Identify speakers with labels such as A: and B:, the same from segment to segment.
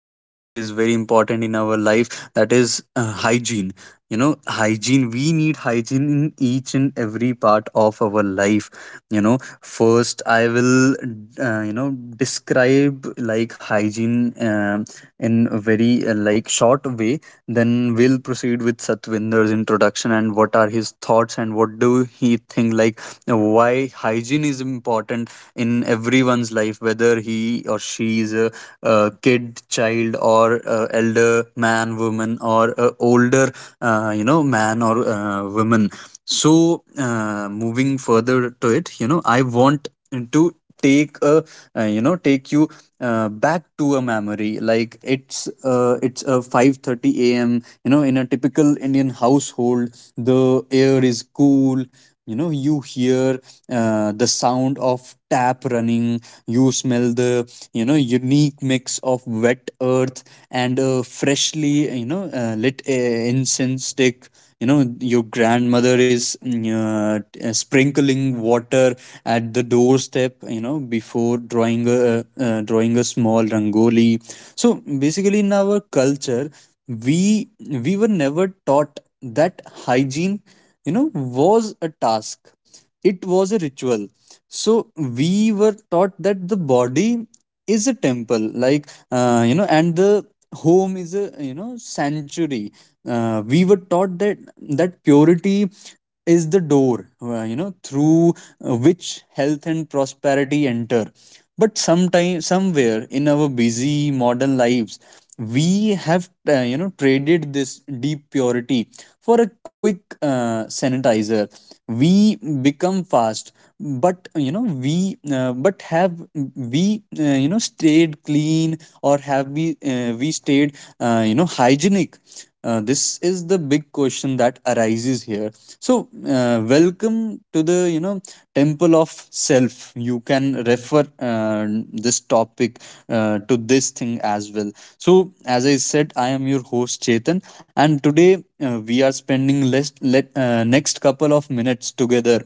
A: that is very important in our life, that is hygiene. You know, hygiene, we need hygiene in each and every part of our life, you know, First, I will describe like hygiene in a very like short way. Then we'll proceed with Satwinder's introduction and what are his thoughts and what do he think, like why hygiene is important in everyone's life, whether he or she is a kid, child, or a elder man, woman, or a older man or woman. So, moving further to it, you know, I want to take a, take you back to a memory. Like it's a 5:30 a.m. You know, in a typical Indian household, the air is cool. You know, you hear the sound of tap running. You smell the, you know, unique mix of wet earth and a freshly, you know, lit incense stick. You know, your grandmother is sprinkling water at the doorstep, you know, before drawing a small rangoli. So basically, in our culture, we we were never taught that hygiene, you know, was a task. It was a ritual. So we were taught that the body is a temple, like, and the home is a, you know, sanctuary. We were taught that purity is the door, through which health and prosperity enter. But sometime, somewhere in our busy modern lives, we have traded this deep purity for a quick sanitizer. We become fast, but you know, we but have we you know stayed clean, or have we stayed hygienic? This is the big question that arises here. So welcome to the, you know, temple of self. You can refer this topic to this thing as well. So, as I said, I am your host Chetan, and today we are next couple of minutes together,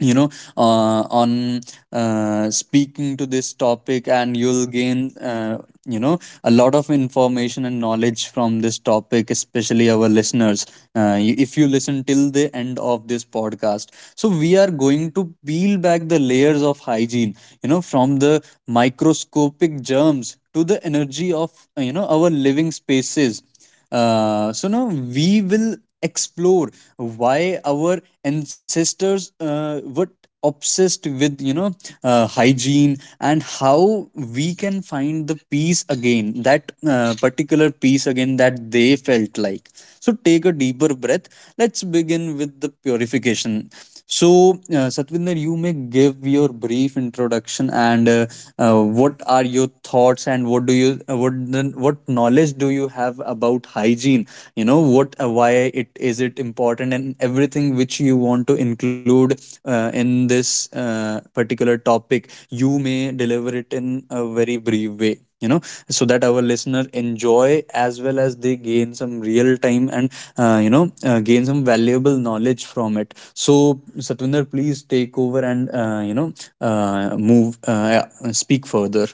A: you know on speaking to this topic, and you'll gain you know a lot of information and knowledge from this topic, especially our listeners. If you listen till the end of this podcast, so we are going to peel back the layers of hygiene, you know, from the microscopic germs to the energy of our living spaces. So now we will explore why our ancestors were obsessed with, you know, hygiene, and how we can find the peace again, that particular peace again that they felt, like. So take a deeper breath. Let's begin with the purification. So, Satvinder, you may give your brief introduction and what are your thoughts, and what do you what knowledge do you have about hygiene? You know what why it is it important, and everything which you want to include in this particular topic. You may deliver it in a very brief way. You know, so that our listener enjoy, as well as they gain some real time and gain some valuable knowledge from it. So, Satwinder, please take over and you know move yeah, speak further.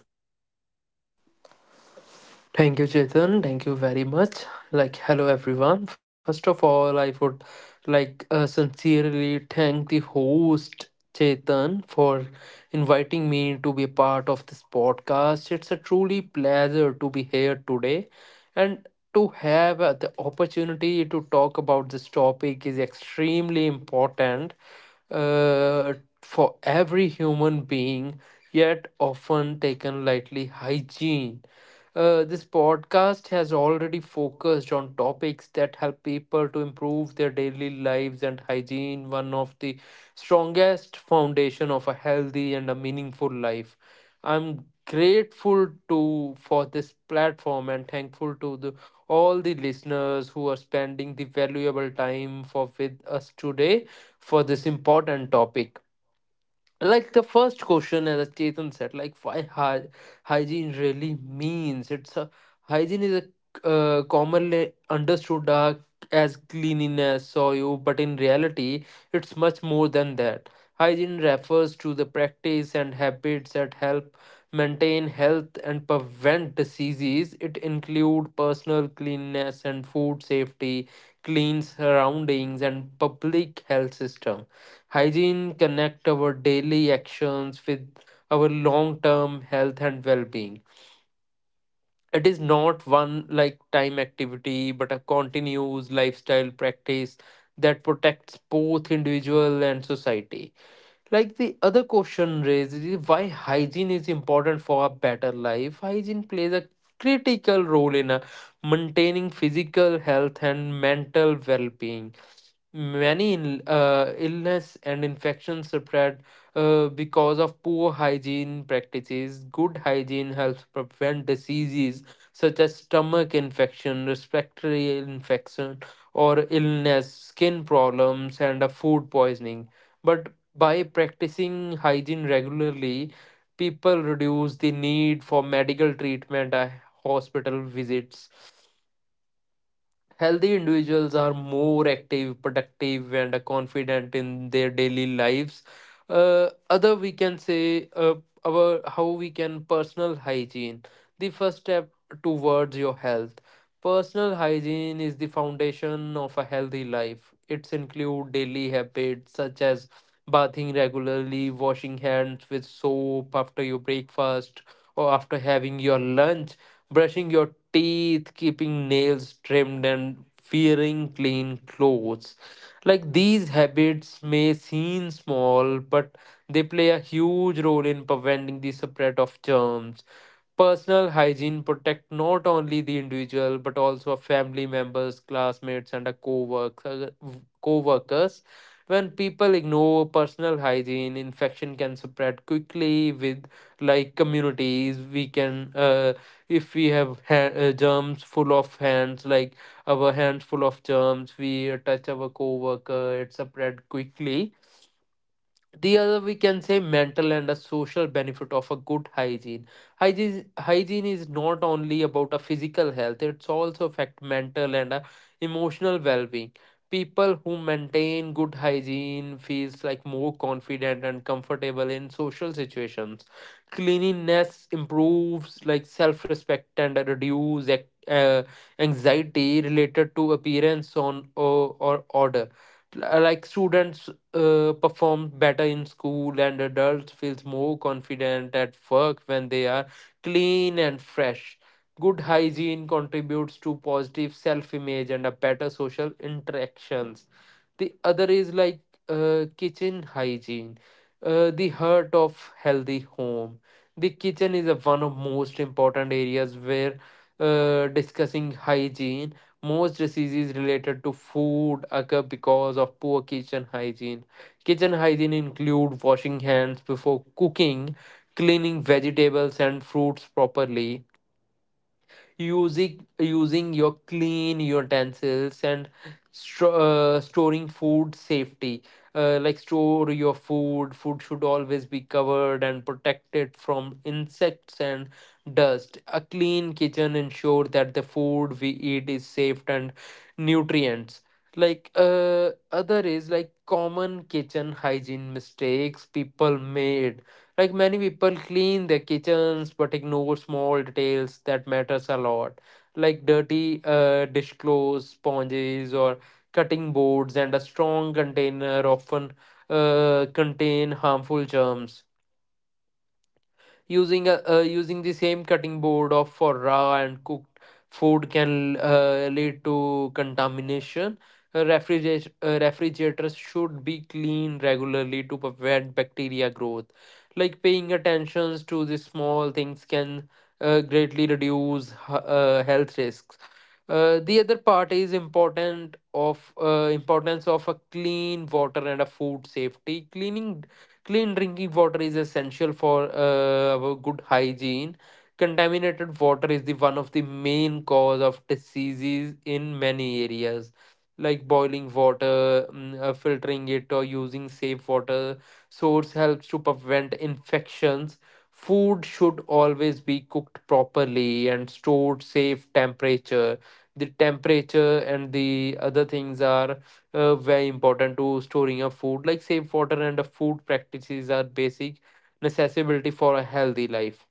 B: Thank you, Chetan. Thank you very much. Like, hello, everyone. First of all, I would like sincerely thank the host, Chetan, for inviting me to be a part of this podcast. It's a truly pleasure to be here today, and to have the opportunity to talk about this topic is extremely important uh, for every human being, yet often taken lightly. Hygiene, this podcast has already focused on topics that help people to improve their daily lives, and hygiene, one of the strongest foundation of a healthy and a meaningful life. I'm grateful to for this platform, and thankful to the all the listeners who are spending the valuable time for with us today for this important topic. Like the first question, as Chetan said, like hygiene really means. It's a hygiene is a commonly understood as cleanliness or you, but in reality, it's much more than that. Hygiene refers to the practice and habits that help maintain health and prevent diseases. It include personal cleanliness and food safety, clean surroundings, and public health system. Hygiene connect our daily actions with our long-term health and well-being. It is not one like time activity, but a continuous lifestyle practice that protects both individual and society. Like the other question raised is, why hygiene is important for a better life. Hygiene plays a critical role in maintaining physical health and mental well-being. Many illness and infections spread because of poor hygiene practices. Good hygiene helps prevent diseases such as stomach infection, respiratory infection, or illness, skin problems, and food poisoning. But by practicing hygiene regularly, people reduce the need for medical treatment, hospital visits. Healthy individuals are more active, productive, and confident in their daily lives. Other, we can say, our how we can personal hygiene. The first step towards your health. Personal hygiene is the foundation of a healthy life. It's include daily habits such as bathing regularly, washing hands with soap after your breakfast or after having your lunch, brushing your teeth, keeping nails trimmed, and wearing clean clothes. Like these habits may seem small, but they play a huge role in preventing the spread of germs. Personal hygiene protect not only the individual but also family members, classmates, and a co-worker, co-workers. When people ignore personal hygiene, infection can spread quickly with like communities. We can if we have germs full of hands, like our hands full of germs, we touch our coworker, it spread quickly. The other we can say, mental and a social benefit of a good hygiene. Hygiene is not only about a physical health, it's also affect mental and emotional well-being. People who maintain good hygiene feels like more confident and comfortable in social situations. Cleanliness improves like self-respect and reduce anxiety related to appearance on or order. Like students perform better in school, and adults feels more confident at work when they are clean and fresh. Good hygiene contributes to positive self image and a better social interactions. The other is like kitchen hygiene, the heart of healthy home. The kitchen is a one of most important areas where discussing hygiene. Most diseases related to food occur because of poor kitchen hygiene. Kitchen hygiene include washing hands before cooking, cleaning vegetables and fruits properly, using your clean utensils, and storing food safety. Like store your food should always be covered and protected from insects and dust. A clean kitchen ensure that the food we eat is safe and nutrients. Like other is like common kitchen hygiene mistakes people made. Like many people clean their kitchens but ignore small details that matters a lot, like dirty dishcloths, sponges, or cutting boards, and a strong container often contain harmful germs. Using the same cutting board of for raw and cooked food can lead to contamination. Refrigerators should be cleaned regularly to prevent bacteria growth. Like paying attention to the small things can greatly reduce health risks. The other part is important of importance of a clean water and a food safety cleaning. Clean drinking water is essential for our good hygiene. Contaminated water is the one of the main cause of diseases in many areas, like boiling water, filtering it, or using safe water source helps to prevent infections. Food should always be cooked properly and stored safe temperature. The temperature and the other things are very important to storing your food, like safe water and food practices are basic necessity for a healthy life.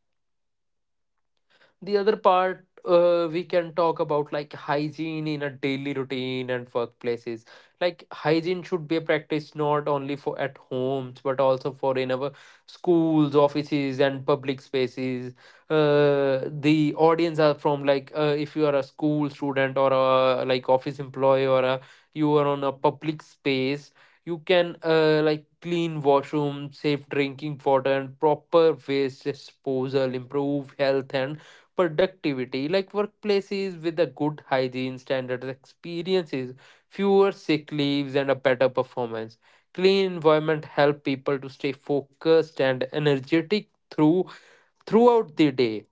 B: The other part we can talk about, like hygiene in a daily routine and workplaces. Like hygiene should be practiced not only for at homes but also for in our schools, offices, and public spaces. The audience are from like if you are a school student, or a like office employee, or a you are on a public space, you can like clean washroom, safe drinking water, and proper waste disposal improve health and productivity. Like workplaces with a good hygiene standards experiences fewer sick leaves and a better performance. Clean environment help people to stay focused and energetic through throughout the day.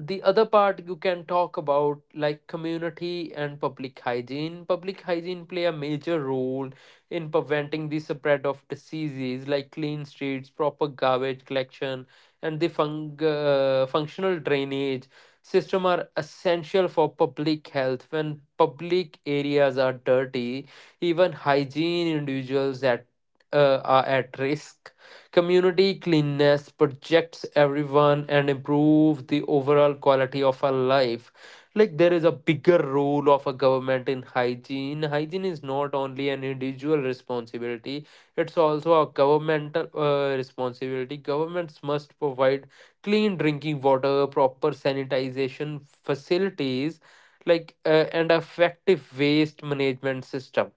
B: The other part you can talk about, like community and public hygiene. Public hygiene play a major role in preventing the spread of diseases, like clean streets, proper garbage collection, and the functional drainage system are essential for public health. When public areas are dirty, even hygiene individuals at are at risk. Community cleanliness protects everyone and improves the overall quality of our life. Like there is a bigger role of a government in hygiene. Hygiene is not only an individual responsibility; it's also a governmental responsibility. Governments must provide clean drinking water, proper sanitization facilities, and effective waste management system.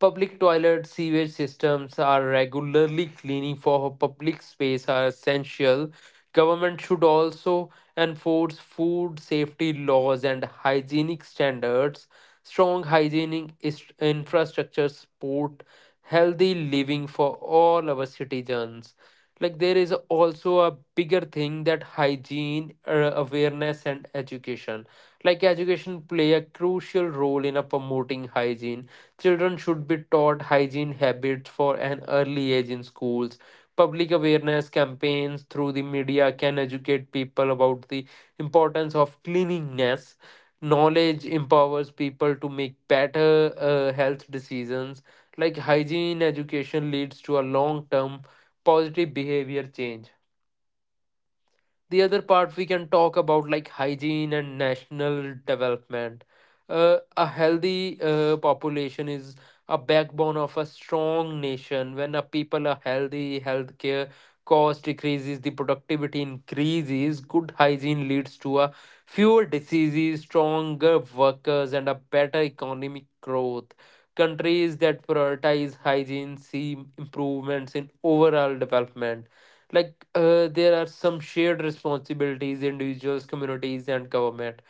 B: Public toilet sewage systems are regularly cleaning for public space are essential. Government should also enforce food safety laws and hygienic standards. Strong infrastructure support healthy living for all our citizens. Like there is also a bigger thing, that hygiene awareness and education. Like education play a crucial role in a promoting hygiene. Children should be taught hygiene habits for an early age in schools. Public awareness campaigns through the media can educate people about the importance of cleanliness. Knowledge empowers people to make better health decisions. Like hygiene education leads to a long term positive behavior change. The other part we can talk about, like hygiene and national development. A healthy population is a backbone of a strong nation. When a people are healthy, healthcare cost decreases, the productivity increases. Good hygiene leads to a fewer diseases, stronger workers, and a better economic growth. Countries that prioritize hygiene see improvements in overall development. Like there are some shared responsibilities, individuals, communities, and government.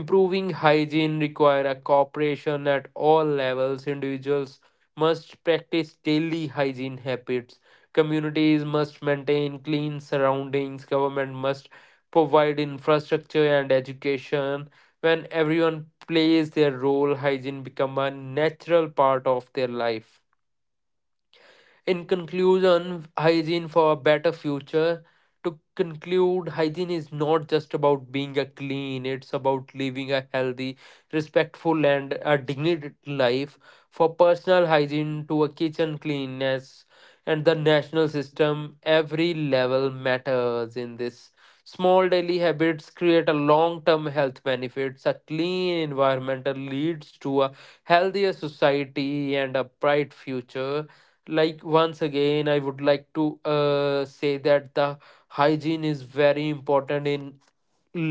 B: Improving hygiene require a cooperation at all levels. Individuals must practice daily hygiene habits, communities must maintain clean surroundings, government must provide infrastructure and education. When everyone plays their role, hygiene become a natural part of their life. In conclusion, hygiene for a better future. To conclude, hygiene is not just about being a clean, it's about living a healthy, respectful, and a dignified life. For personal hygiene to a kitchen cleanness and the national system, every level matters in this. Small daily habits create a long-term health benefits. A clean environment leads to a healthier society and a bright future. Like once again I would like to say that the hygiene is very important in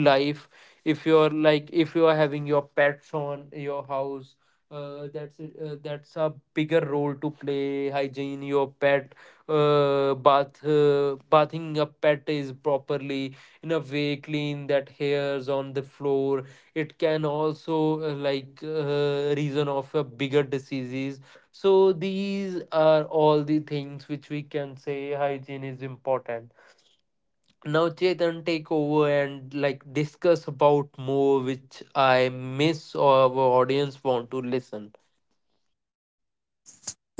B: life. If you're like if you are having your pets on your house, that's a bigger role to play, hygiene your pet. Bathing a pet is properly in a way, clean that hairs on the floor. It can also reason of a bigger diseases. So these are all the things which we can say hygiene is important. Now Chetan take over and like discuss about more which I miss or our audience want to listen.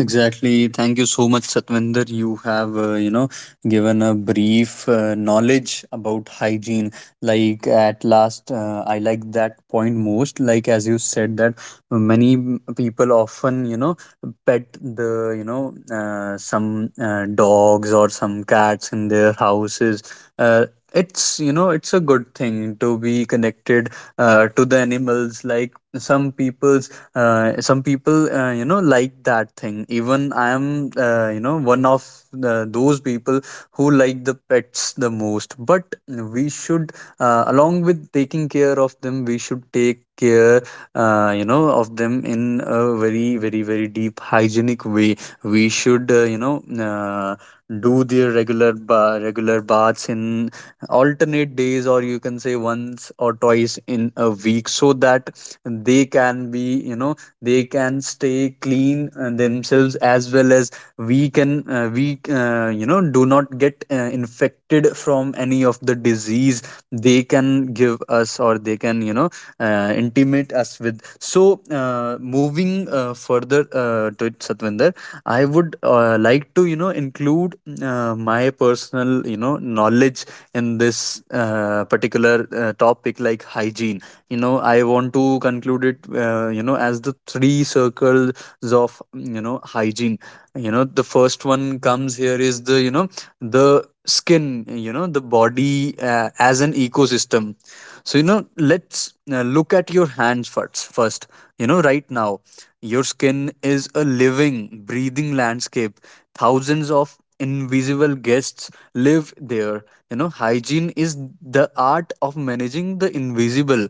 A: Exactly. Thank you so much, Satvinder. You have, given a brief knowledge about hygiene. Like at last, I like that point most. Like as you said that people often, you know, pet the, you know, some dogs or some cats in their houses. Uh, it's, you know, it's a good thing to be connected to the animals. Like some people, like that thing, even I am, one of those people who like the pets the most. But we should, along with taking care of them, we should take care of them in a very, very, very deep hygienic way. We should do their regular baths in alternate days, or you can say once or twice in a week, so that they can be, you know, they can stay clean themselves, as well as we do not get infected from any of the disease they can give us, or they can, you know, intimate us with. So, moving further to it, Satvinder, I would like to, you know, include my personal little, you know, knowledge in this particular topic, like hygiene. You know, I want to conclude it, as the three circles of, you know, hygiene. You know, the first one comes here is the, you know, the skin, you know, the body as an ecosystem. So, you know, let's look at your hands first, you know, right now. Your skin is a living, breathing landscape. Thousands of invisible guests live there. You know, hygiene is the art of managing the invisible.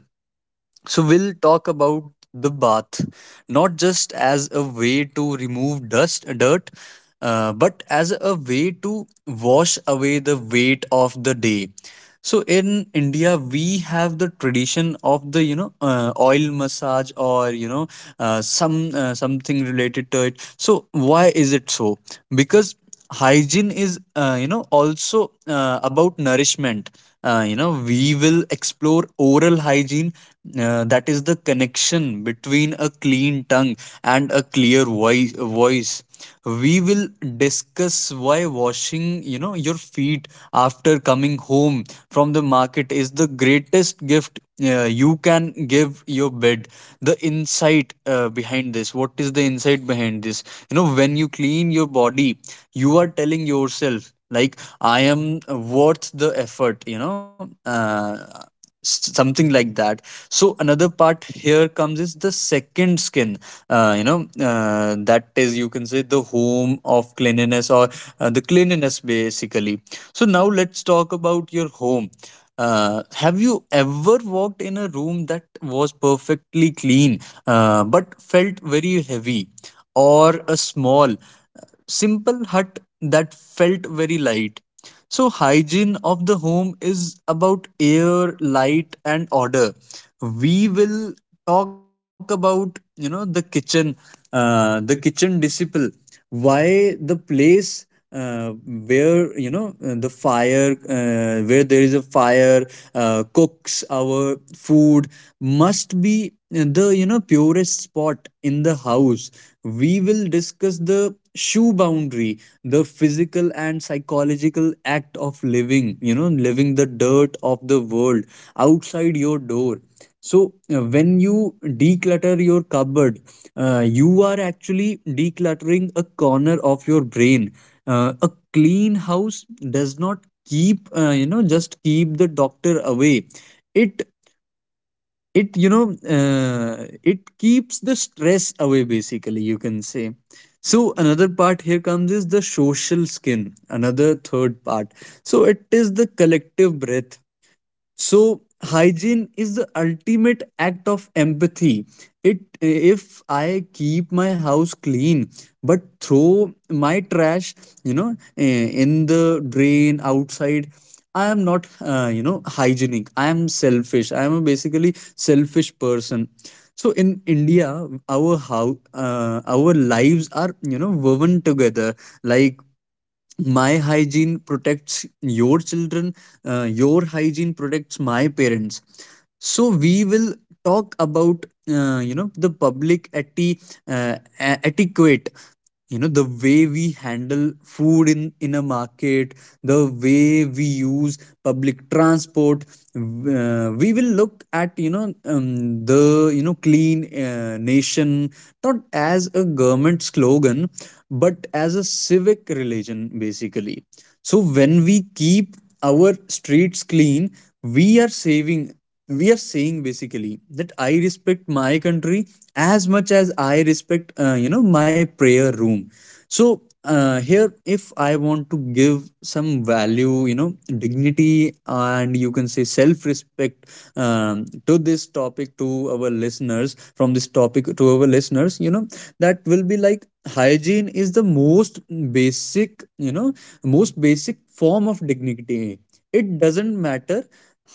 A: So, we'll talk about the bath, not just as a way to remove dust, dirt, but as a way to wash away the weight of the day. So, in India, we have the tradition of the, you know, oil massage, or, you know, something related to it. So, why is it so? Because hygiene is, also about nourishment. We will explore oral hygiene, that is the connection between a clean tongue and a clear voice. We will discuss why washing, you know, your feet after coming home from the market is the greatest gift you can give your bed. The insight behind this What is the insight behind this? You know, when you clean your body, you are telling yourself, like, I am worth the effort. You know, uh, something like that. So another part here comes is the second skin, uh, you know that is, you can say, the home of cleanliness, or the cleanliness, basically. So now let's talk about your home. Have you ever walked in a room that was perfectly clean but felt very heavy, or a small, simple hut that felt very light? So, hygiene of the home is about air, light, and order. We will talk about, you know, the kitchen disciple, why the place uh, where there is a fire cooks our food, must be the, you know, purest spot in the house. We will discuss the shoe boundary, the physical and psychological act of living, you know, living the dirt of the world outside your door. So, when you declutter your cupboard, you are actually decluttering a corner of your brain. A clean house does not keep, just keep the doctor away. It, it keeps the stress away, basically, you can say. So, another part here comes is the social skin, another third part. So, it is the collective breath. So, hygiene is the ultimate act of empathy. It, if I keep my house clean but throw my trash, in the drain outside, I am not, hygienic. I am selfish. I am a basically selfish person. So in India, our lives are woven together like my hygiene protects your children, your hygiene protects my parents. So we will talk about the public etiquette, you know, the way we handle food in a market, the way we use public transport. We will look at, you know, um, the, you know, clean nation, not as a government slogan but as a civic religion basically. So when we keep our streets clean, we are saving we are saying basically that I respect my country as much as I respect, you know, my prayer room. So, here if I want to give some value, you know, dignity and you can say self respect, to this topic to our listeners from this topic to our listeners, you know, that will be like hygiene is the most basic, you know, most basic form of dignity. It doesn't matter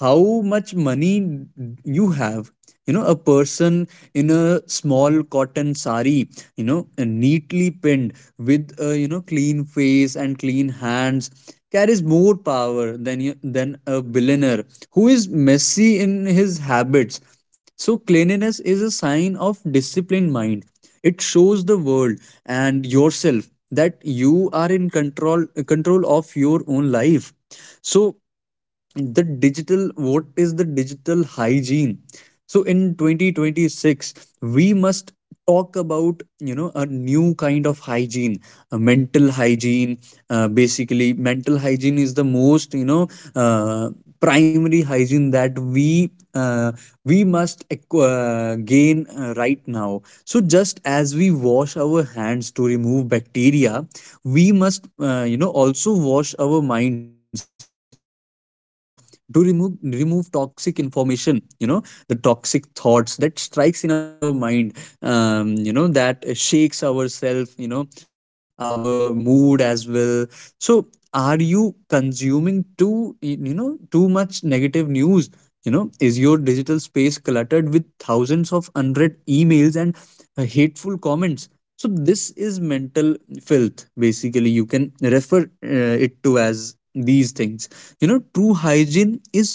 A: how much money you have. You know, a person in a small cotton sari, you know, neatly pinned with a, you know, clean face and clean hands carries more power than a billionaire who is messy in his habits. So cleanliness is a sign of disciplined mind. It shows the world and yourself that you are in control of your own life. So the digital what is the digital hygiene? So in 2026 we must talk about, you know, a new kind of hygiene, a mental hygiene. Basically mental hygiene is the most, you know, uh, primary hygiene that we must gain right now. So just as we wash our hands to remove bacteria, we must, you know, also wash our minds to remove toxic information, you know, the toxic thoughts that strikes in our mind, you know, that shakes ourself, you know, our mood as well. So are you consuming too you know too much negative news? You know, is your digital space cluttered with thousands of unread emails and hateful comments? So this is mental filth basically, you can refer it to as these things. You know, true hygiene is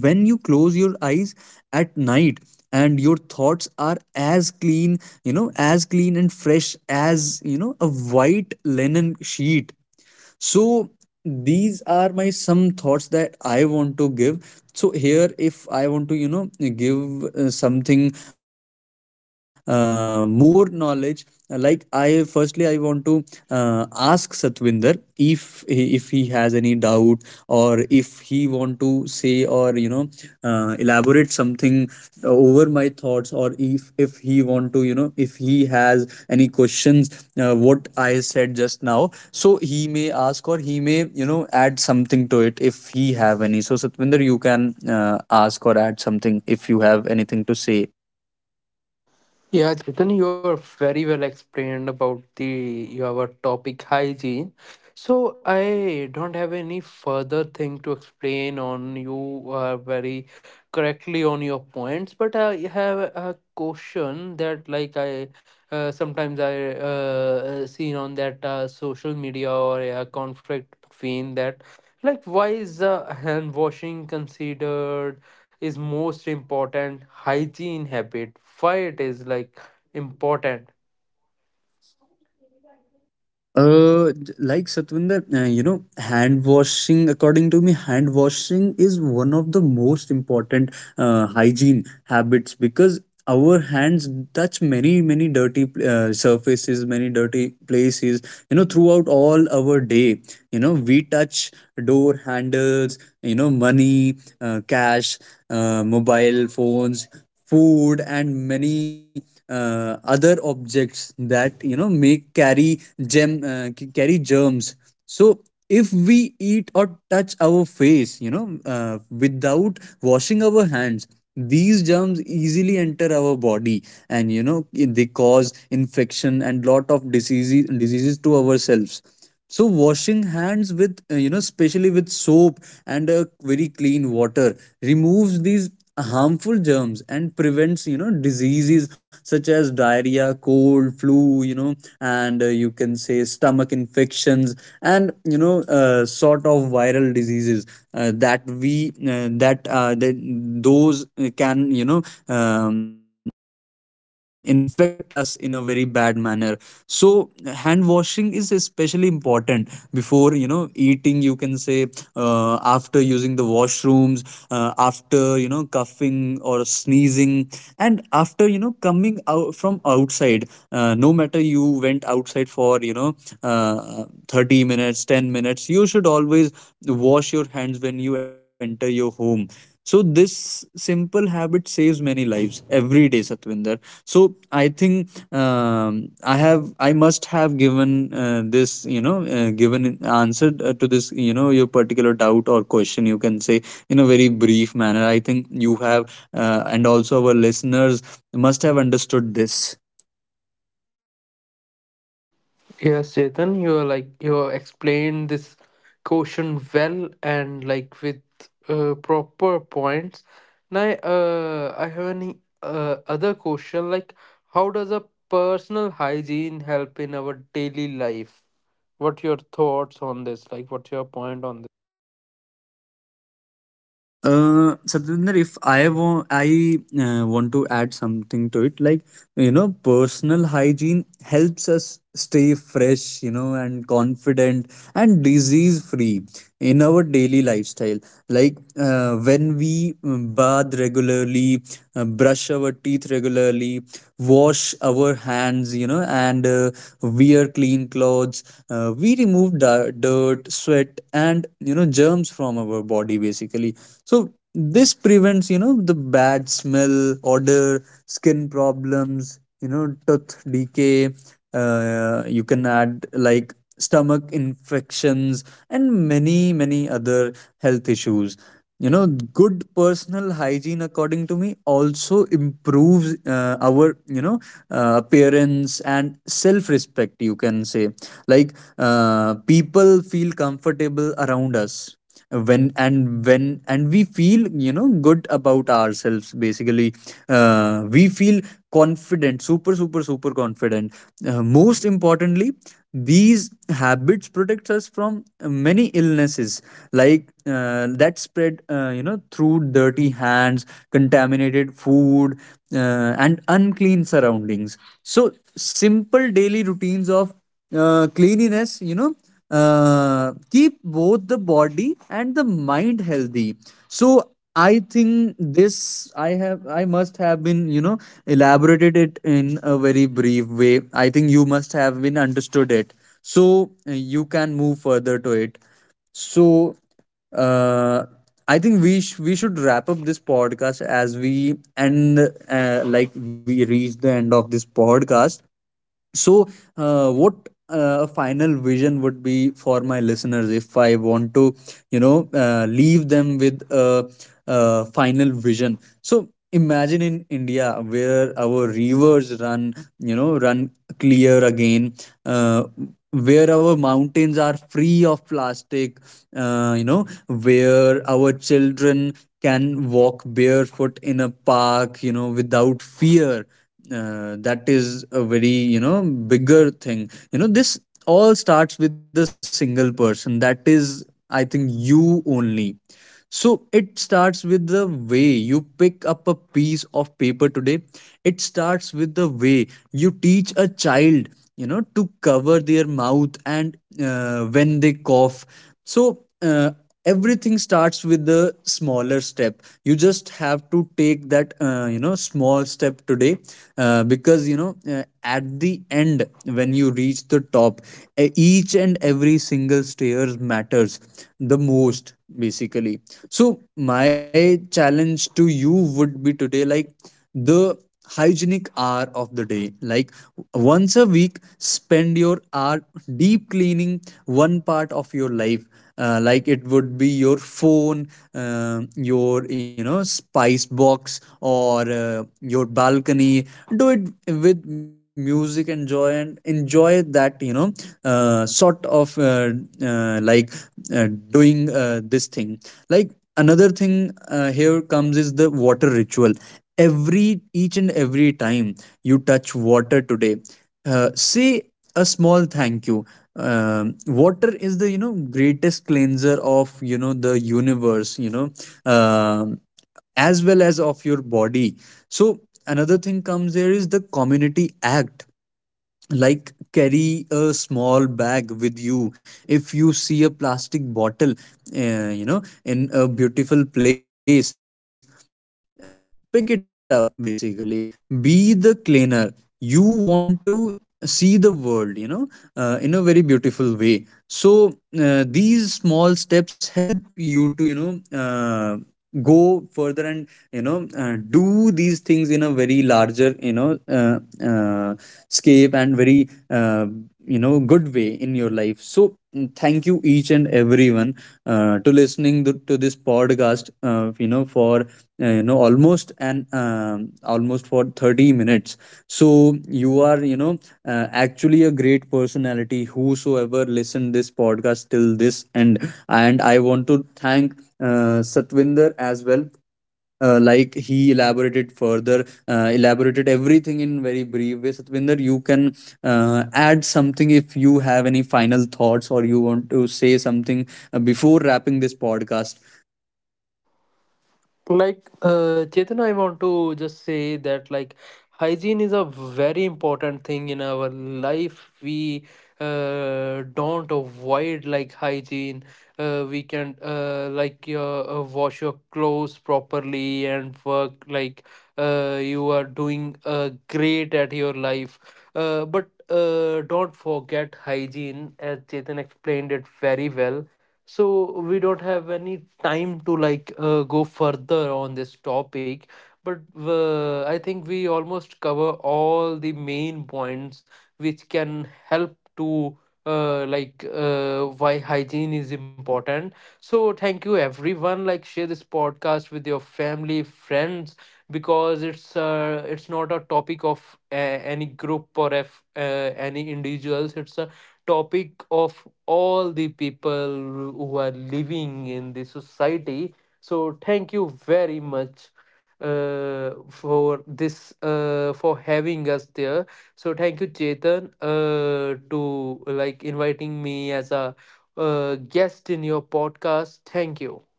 A: when you close your eyes at night and your thoughts are as clean, you know, as clean and fresh as, you know, a white linen sheet. So these are my some thoughts that I want to give. So here if I want to, you know, give, something, more knowledge, like I firstly I want to, ask Satvinder if if he has any doubt, or if he want to say, or you know, elaborate something over my thoughts. Or if he want to, you know, if he has any questions what I said just now. So he may ask, or he may, you know, add something to it if he have any. So Satvinder, you can, uh, ask or add something if you have anything to say.
B: Yeah, Chetan, you are very well explained about the your topic hygiene. So I don't have any further thing to explain on. You are very correctly on your points, but I have a question that like I sometimes I seen on that social media or a conflict between that. Like, why is hand washing considered is most important hygiene habit? Why it is like important.
A: Like Satwinder, you know, hand washing, according to me, hand washing is one of the most important hygiene habits, because our hands touch many, many dirty surfaces, many dirty places, you know, throughout all our day. You know, we touch door handles, you know, money, cash, mobile phones, food, and many other objects that, you know, make carry carry germs. So if we eat or touch our face, you know, without washing our hands, these germs easily enter our body, and you know, they cause infection and lot of diseases to ourselves. So washing hands with, you know, especially with soap and a very clean water, removes these harmful germs and prevents, you know, diseases such as diarrhea, cold, flu, you know, and, you can say, stomach infections, and, you know, sort of viral diseases that we that that those can, you know, infect us in a very bad manner. So hand washing is especially important before, you know, eating, you can say, after using the washrooms, after, you know, coughing or sneezing, and after, you know, coming out from outside. No matter you went outside for, you know, uh, 30 minutes, 10 minutes, you should always wash your hands when you enter your home. So this simple habit saves many lives every day, Satvinder. So I think, um, I must have given, this you know given an answer, to this, you know, your particular doubt or question, you can say, in a very brief manner. I think you have, and also our listeners must have understood this.
B: Yes, Chetan, you are like you have explained this question well, and like with proper points. Now, I have any other question, like how does a personal hygiene help in our daily life? What your thoughts on this? Like, what's your point on this?
A: Satinder, if I want, I want to add something to it. Like, you know, personal hygiene helps us stay fresh, you know, and confident and disease free in our daily lifestyle. Like when we, bathe regularly, brush our teeth regularly, wash our hands, you know, and wear clean clothes. We remove dirt, sweat, and, you know, germs from our body basically. So this prevents, you know, the bad smell, odor, skin problems, you know, tooth decay. You can add like stomach infections and many, many other health issues. You know, good personal hygiene, according to me, also improves, our, you know, appearance and self respect, you can say. Like, people feel comfortable around us when and we feel, you know, good about ourselves basically. We feel confident, super confident. And, most importantly, these habits protect us from many illnesses, like, that spread, you know, through dirty hands, contaminated food, and unclean surroundings. So simple daily routines of, cleanliness, you know, keep both the body and the mind healthy. So I think this, I must have been, you know, elaborated it in a very brief way. I think you must have been understood it. So, you can move further to it. So, uh, I think we should wrap up this podcast, as we end like we reach the end of this podcast. So, what a final vision would be for my listeners if I want to, you know, leave them with a final vision. So, imagine in India where our rivers run clear again, uh, where our mountains are free of plastic, you know, where our children can walk barefoot in a park, you know, without fear. That is a very, you know, bigger thing. You know, this all starts with a single person, that is, I think, you only. So it starts with the way you pick up a piece of paper today. It starts with the way you teach a child, you know, to cover their mouth and, when they cough. So, everything starts with the smaller step. You just have to take that, you know, small step today, because, you know, at the end, when you reach the top, each and every single stairs matters the most basically. So my challenge to you would be today, like, the hygienic hour of the day. Like, once a week, spend your hour deep cleaning one part of your life. Like it would be your phone, your, you know, spice box, or your balcony. Do it with music and joy and enjoy that, you know, uh, sort of uh, uh, like doing this thing. Like, another thing, here comes is the water ritual. Every each and every time you touch water today, say a small thank you. Water is the, you know, greatest cleanser of, you know, the universe, you know, um, as well as of your body. So another thing comes there is the community act. Like carry a small bag with you. If you see a plastic bottle, you know, in a beautiful place, pick it up basically. Be the cleaner you want to see the world, you know, in a very beautiful way. So these small steps help you to, you know, go further and, you know, do these things in a very larger, you know, uh, scape and very, you know, good way in your life. So mm, thank you each and everyone, to listening to this podcast, you know, for, almost for 30 minutes. So you are, you know, actually a great personality whosoever listened this podcast till this end. And I want to thank, Satvinder as well. Elaborated everything in very brief way. Satvinder, you can, add something if you have any final thoughts or you want to say something, before wrapping this podcast.
B: Like, Chetan, I want to just say that like hygiene is a very important thing in our life. We don't avoid like hygiene. We can wash your clothes properly and work like you are doing great at your life. But don't forget hygiene, as Chetan explained it very well. So we don't have any time to like go further on this topic, but I think we almost cover all the main points which can help to why hygiene is important. So thank you everyone, like share this podcast with your family friends, because it's not a topic of any group or if any individuals, it's a topic of all the people who are living in the society. So thank you very much for this for having us there. So thank you, Chetan, to like inviting me as a guest in your podcast. Thank you.